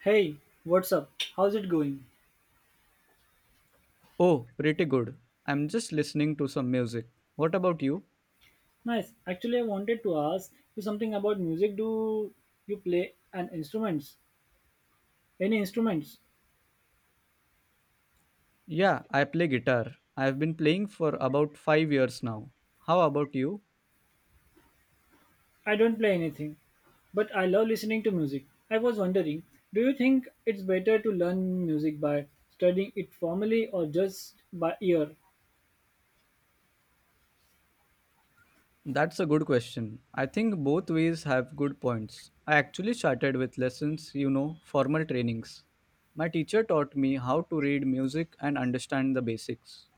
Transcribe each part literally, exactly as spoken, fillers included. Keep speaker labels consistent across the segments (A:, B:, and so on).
A: Hey, what's up? How's it going?
B: Oh, pretty good. I'm just listening to some music. What about you?
A: Nice. Actually, I wanted to ask you something about music. Do you play an instruments? Any instruments?
B: Yeah, I play guitar. I've been playing for about five years now. How about you?
A: I don't play anything, but I love listening to music. I was wondering, do you think it's better to learn music by studying it formally or just by ear?
B: That's a good question. I think both ways have good points. I actually started with lessons, you know, formal trainings. My teacher taught me how to read music and understand the basics.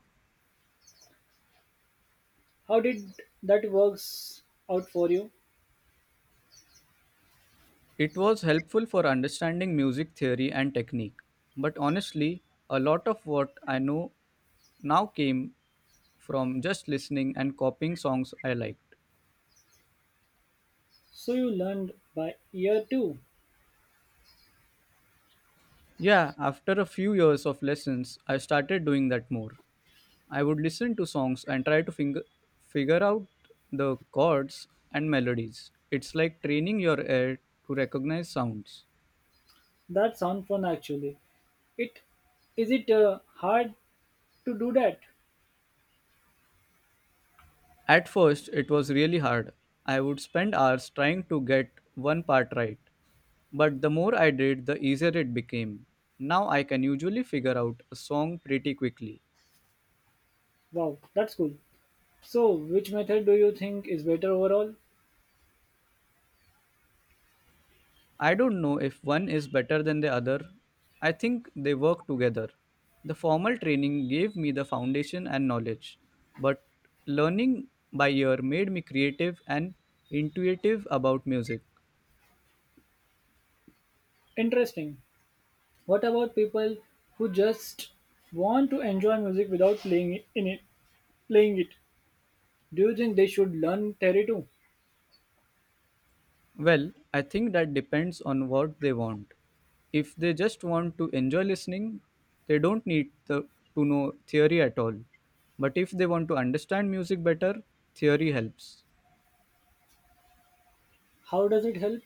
A: How did that works out for you?
B: It was helpful for understanding music theory and technique. But honestly, a lot of what I know now came from just listening and copying songs I liked.
A: So you learned by ear too.
B: Yeah, after a few years of lessons, I started doing that more. I would listen to songs and try to finger, figure out the chords and melodies. It's like training your ear to recognize sounds.
A: That sounds fun actually. It is it uh, hard to do that?
B: At first, it was really hard. I would spend hours trying to get one part right. But the more I did, the easier it became. Now I can usually figure out a song pretty quickly.
A: Wow, that's cool. So, which method do you think is better overall?
B: I don't know if one is better than the other. I think they work together. The formal training gave me the foundation and knowledge, but learning by ear made me creative and intuitive about music.
A: Interesting. What about people who just want to enjoy music without playing it, in it, playing it? Do you think they should learn theory too?
B: Well, I think that depends on what they want. If they just want to enjoy listening, they don't need the, to know theory at all. But if they want to understand music better, theory helps.
A: How does it help?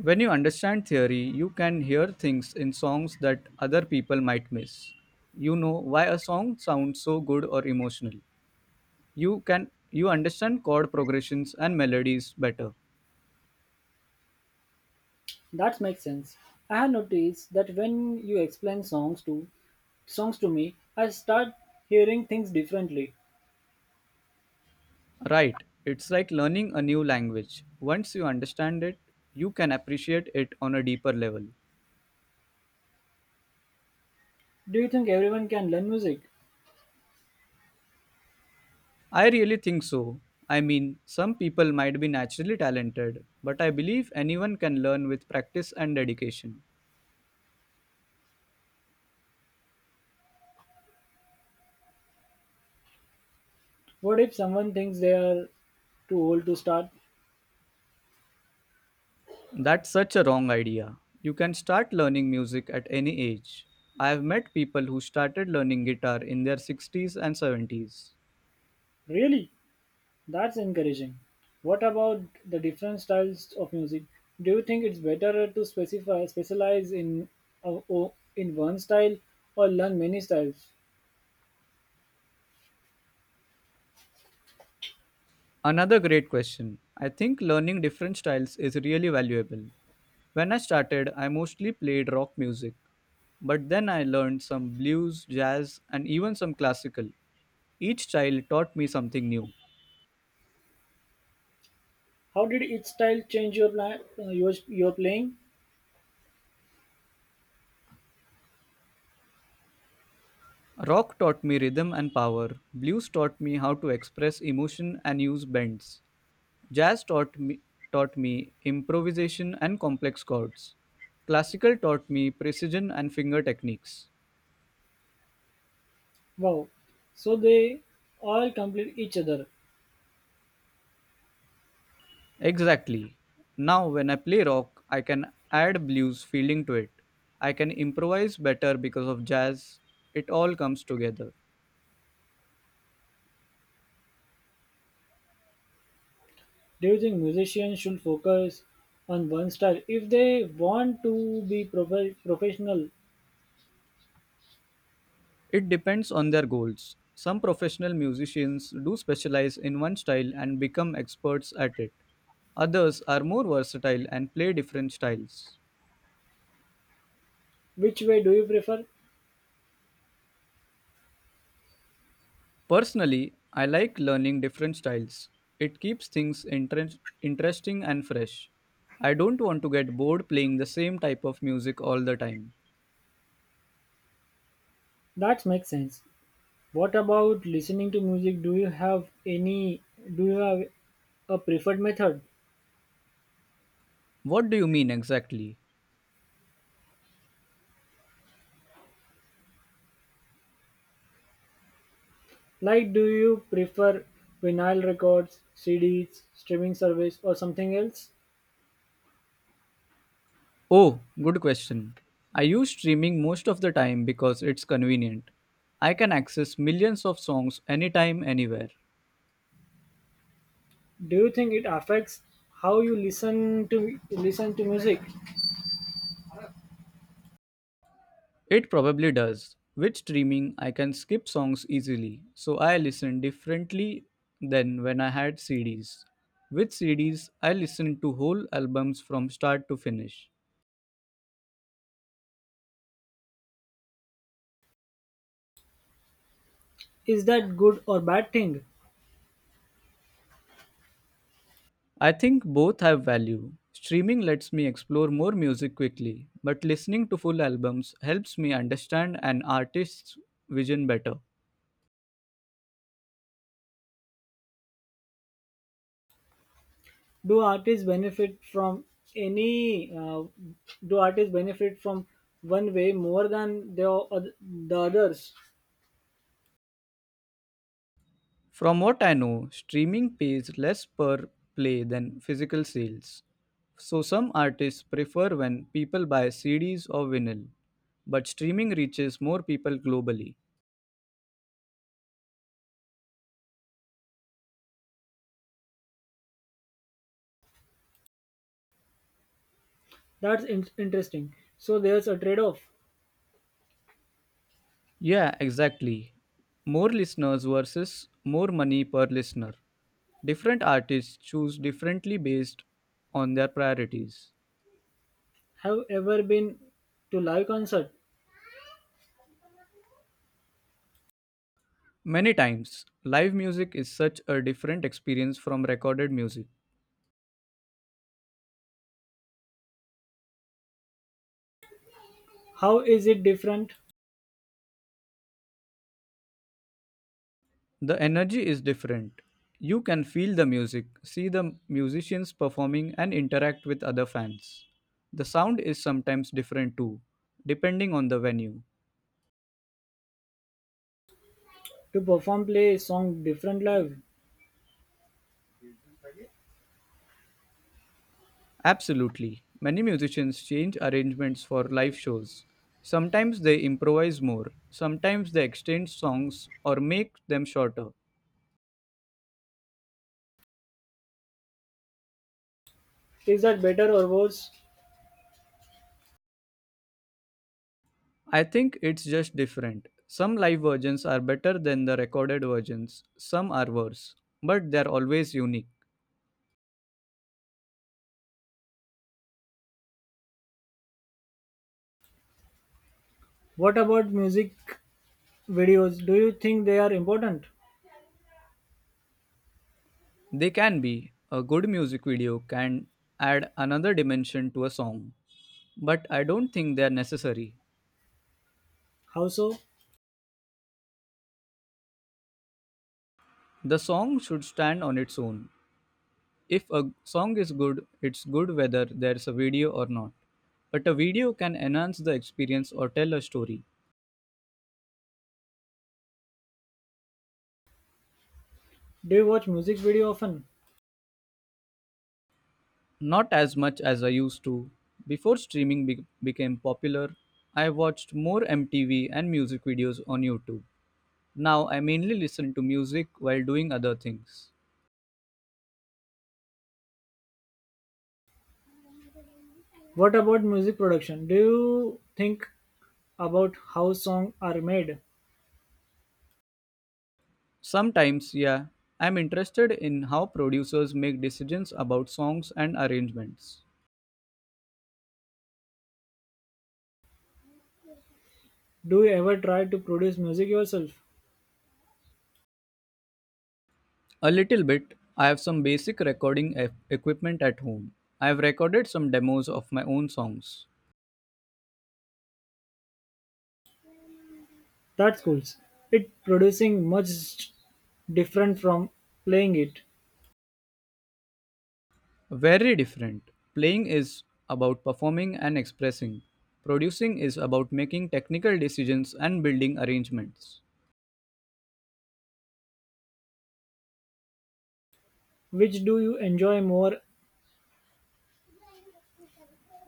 B: When you understand theory, you can hear things in songs that other people might miss. You know why a song sounds so good or emotional. You can you understand chord progressions and melodies better.
A: That makes sense. I have noticed that when you explain songs to songs to me, I start hearing things differently.
B: Right. It's like learning a new language. Once you understand it, you can appreciate it on a deeper level.
A: Do you think everyone can learn music?
B: I really think so. I mean, some people might be naturally talented, but I believe anyone can learn with practice and dedication.
A: What if someone thinks they are too old to start?
B: That's such a wrong idea. You can start learning music at any age. I have met people who started learning guitar in their sixties and seventies.
A: Really? That's encouraging. What about the different styles of music? Do you think it's better to specify specialize in uh, o- in one style or learn many styles?
B: Another great question. I think learning different styles is really valuable. When I started, I mostly played rock music, but then I learned some blues, jazz, and even some classical. Each style taught me something new.
A: How did each style change your plan, uh, your, your playing?
B: Rock taught me rhythm and power, blues taught me how to express emotion and use bends. Jazz taught me, taught me improvisation and complex chords. Classical taught me precision and finger techniques.
A: Wow. So they all complete each other.
B: Exactly. Now, when I play rock, I can add blues feeling to it. I can improvise better because of jazz. It all comes together.
A: Do you think musicians should focus on one style if they want to be prof- professional?
B: It depends on their goals. Some professional musicians do specialize in one style and become experts at it. Others are more versatile and play different styles.
A: Which way do you prefer?
B: Personally, I like learning different styles. It keeps things interest interesting and fresh. I don't want to get bored playing the same type of music all the time.
A: That makes sense. What about listening to music? Do you have any do you have a preferred method?
B: What do you mean exactly?
A: Like do you prefer vinyl records, C Ds, streaming service or something else?
B: Oh, good question. I use streaming most of the time because it's convenient. I can access millions of songs anytime, anywhere.
A: Do you think it affects how you listen to listen to music?
B: It probably does. With streaming, I can skip songs easily, so I listen differently than when I had C Ds. With C Ds, I listen to whole albums from start to finish.
A: Is that good or bad thing?
B: I think both have value. Streaming lets me explore more music quickly, but listening to full albums helps me understand an artist's vision better.
A: Do artists benefit from any uh, do artists benefit from one way more than the, the others?
B: From what I know, streaming pays less per play than physical sales. So some artists prefer when people buy C Ds or vinyl. But streaming reaches more people globally.
A: That's in- interesting. So there's a trade off.
B: Yeah, exactly. More listeners versus more money per listener. Different artists choose differently based on their priorities.
A: Have ever been to live concert?
B: Many times, live music is such a different experience from recorded music.
A: How is it different
B: The energy is different. You can feel the music, see the musicians performing, and interact with other fans. The sound is sometimes different too, depending on the venue.
A: to perform play a song different live?
B: Absolutely. Many musicians change arrangements for live shows. Sometimes they improvise more, sometimes they extend songs or make them shorter.
A: Is that better or worse?
B: I think it's just different. Some live versions are better than the recorded versions, some are worse, but they're always unique.
A: What about music videos? Do you think they are important?
B: They can be. A good music video can add another dimension to a song, but I don't think they're necessary.
A: How so?
B: The song should stand on its own. If a song is good, it's good whether there's a video or not. But a video can enhance the experience or tell a story.
A: Do you watch music video often?
B: Not as much as I used to. Before streaming be- became popular, I watched more M T V and music videos on YouTube. Now I mainly listen to music while doing other things.
A: What about music production? Do you think about how songs are made?
B: Sometimes, yeah, I'm interested in how producers make decisions about songs and arrangements.
A: Do you ever try to produce music yourself?
B: A little bit, I have some basic recording e- equipment at home. I have recorded some demos of my own songs.
A: That's cool. It producing much different from playing it.
B: Very different. Playing is about performing and expressing. Producing is about making technical decisions and building arrangements.
A: Which do you enjoy more?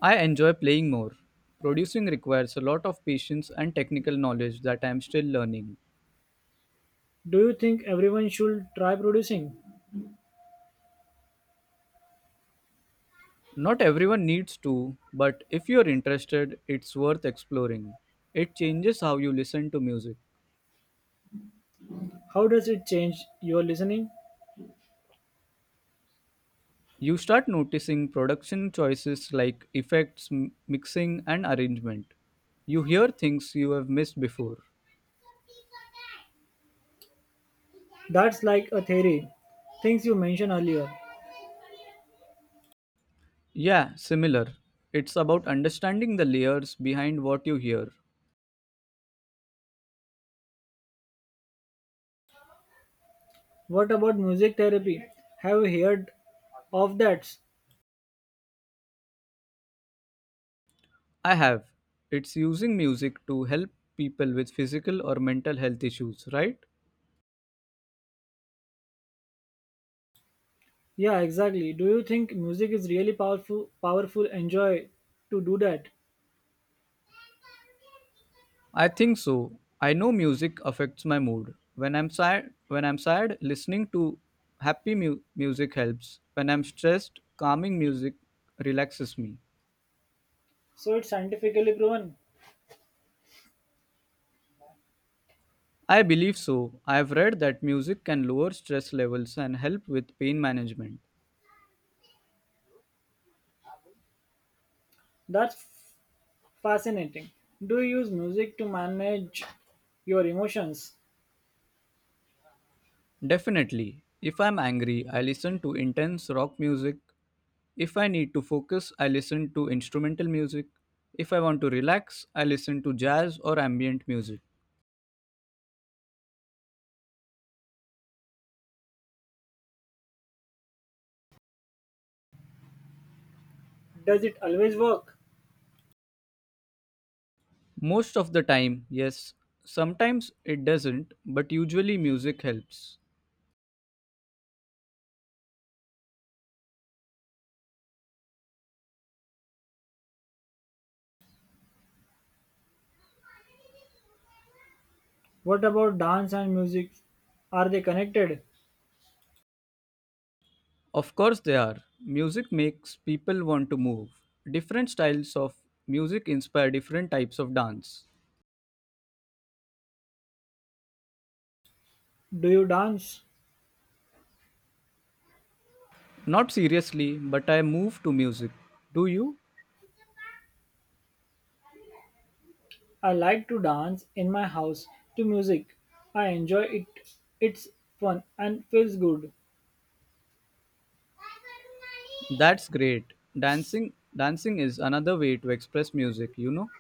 B: I enjoy playing more. Producing requires a lot of patience and technical knowledge that I am still learning.
A: Do you think everyone should try producing?
B: Not everyone needs to, but if you're interested, it's worth exploring. It changes how you listen to music.
A: How does it change your listening?
B: You start noticing production choices like effects, m- mixing, and arrangement. You hear things you have missed before.
A: That's like a theory. Things you mentioned earlier.
B: Yeah, similar. It's about understanding the layers behind what you hear.
A: What about music therapy? Have you heard of that?
B: I have. It's using music to help people with physical or mental health issues, right?
A: Yeah, exactly. Do you think music is really powerful powerful enjoy to do that?
B: I think so. I know music affects my mood. When I'm sad, when I'm sad, listening to happy mu- music helps. When I'm stressed, calming music relaxes me.
A: So it's scientifically proven.
B: I believe so. I've read that music can lower stress levels and help with pain management.
A: That's f- fascinating. Do you use music to manage your emotions?
B: Definitely. If I'm angry, I listen to intense rock music. If I need to focus, I listen to instrumental music. If I want to relax, I listen to jazz or ambient music.
A: Does it always work?
B: Most of the time, yes. Sometimes it doesn't, but usually music helps.
A: What about dance and music? Are they connected?
B: Of course, they are. Music makes people want to move. Different styles of music inspire different types of dance.
A: Do you dance?
B: Not seriously, but I move to music. Do you?
A: I like to dance in my house to music. I enjoy it. It's fun and feels good.
B: That's great. Dancing dancing is another way to express music, you know?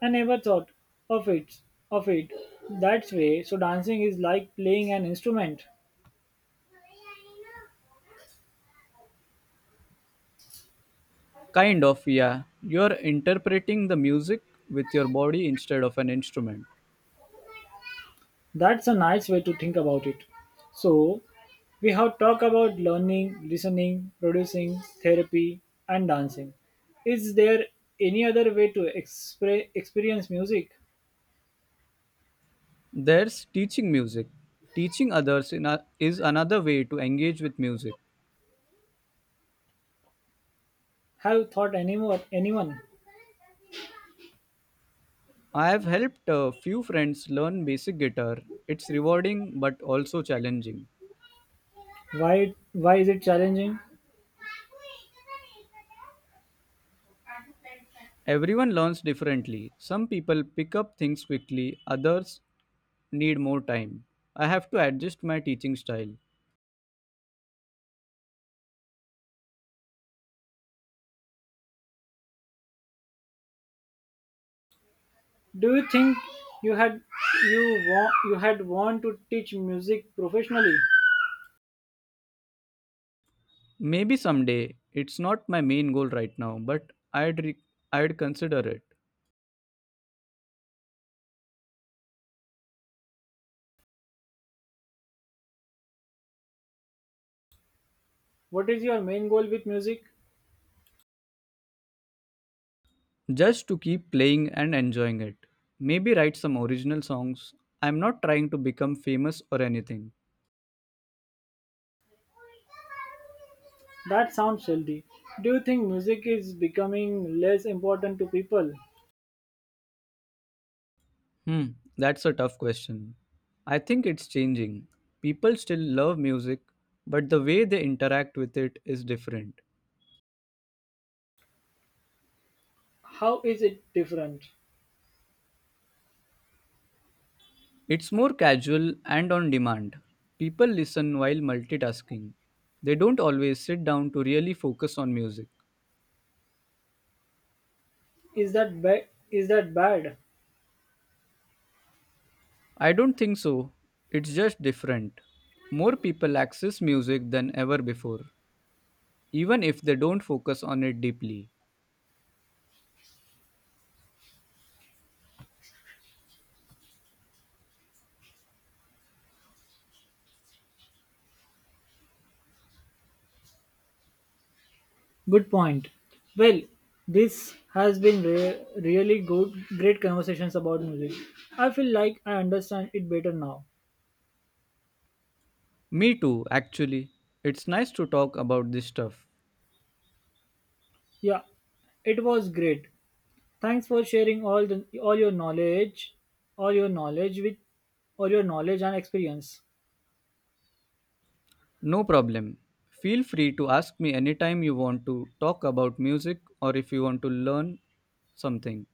A: I never thought of it of it that way. So dancing is like playing an instrument.
B: Kind of, yeah. You're interpreting the music with your body instead of an instrument.
A: That's a nice way to think about it. So we have talked about learning, listening, producing, therapy, and dancing. Is there any other way to expre- experience music?
B: There's teaching music. Teaching others in a, is another way to engage with music.
A: Have you thought anymore anyone?
B: I have helped a few friends learn basic guitar. It's rewarding but also challenging.
A: Why, why is it challenging?
B: Everyone learns differently. Some people pick up things quickly, others need more time. I have to adjust my teaching style.
A: Do you think you had you want you had want to teach music professionally?
B: Maybe someday, it's not my main goal right now, but I'd, re- I'd consider it.
A: What is your main goal with music?
B: Just to keep playing and enjoying it. Maybe write some original songs. I'm not trying to become famous or anything.
A: That sounds healthy. Do you think music is becoming less important to people?
B: Hmm, that's a tough question. I think it's changing. People still love music, but the way they interact with it is different.
A: How is it different?
B: It's more casual and on demand. People listen while multitasking. They don't always sit down to really focus on music.
A: Is that ba- is that bad?
B: I don't think so. It's just different. More people access music than ever before. Even if they don't focus on it deeply.
A: Good point. Well, this has been re- really good, great conversations about music. I feel like I understand it better now.
B: Me too, actually. It's nice to talk about this stuff.
A: Yeah, it was great. Thanks for sharing all the all your knowledge, all your knowledge with all your knowledge and experience.
B: No problem. Feel free to ask me anytime you want to talk about music or if you want to learn something.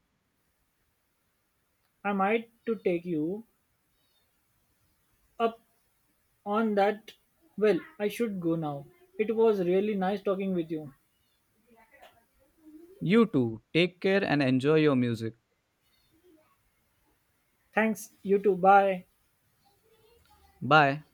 A: I might to take you up on that. Well, I should go now. It was really nice talking with you.
B: You too, take care and enjoy your music.
A: Thanks. You too. Bye.
B: Bye.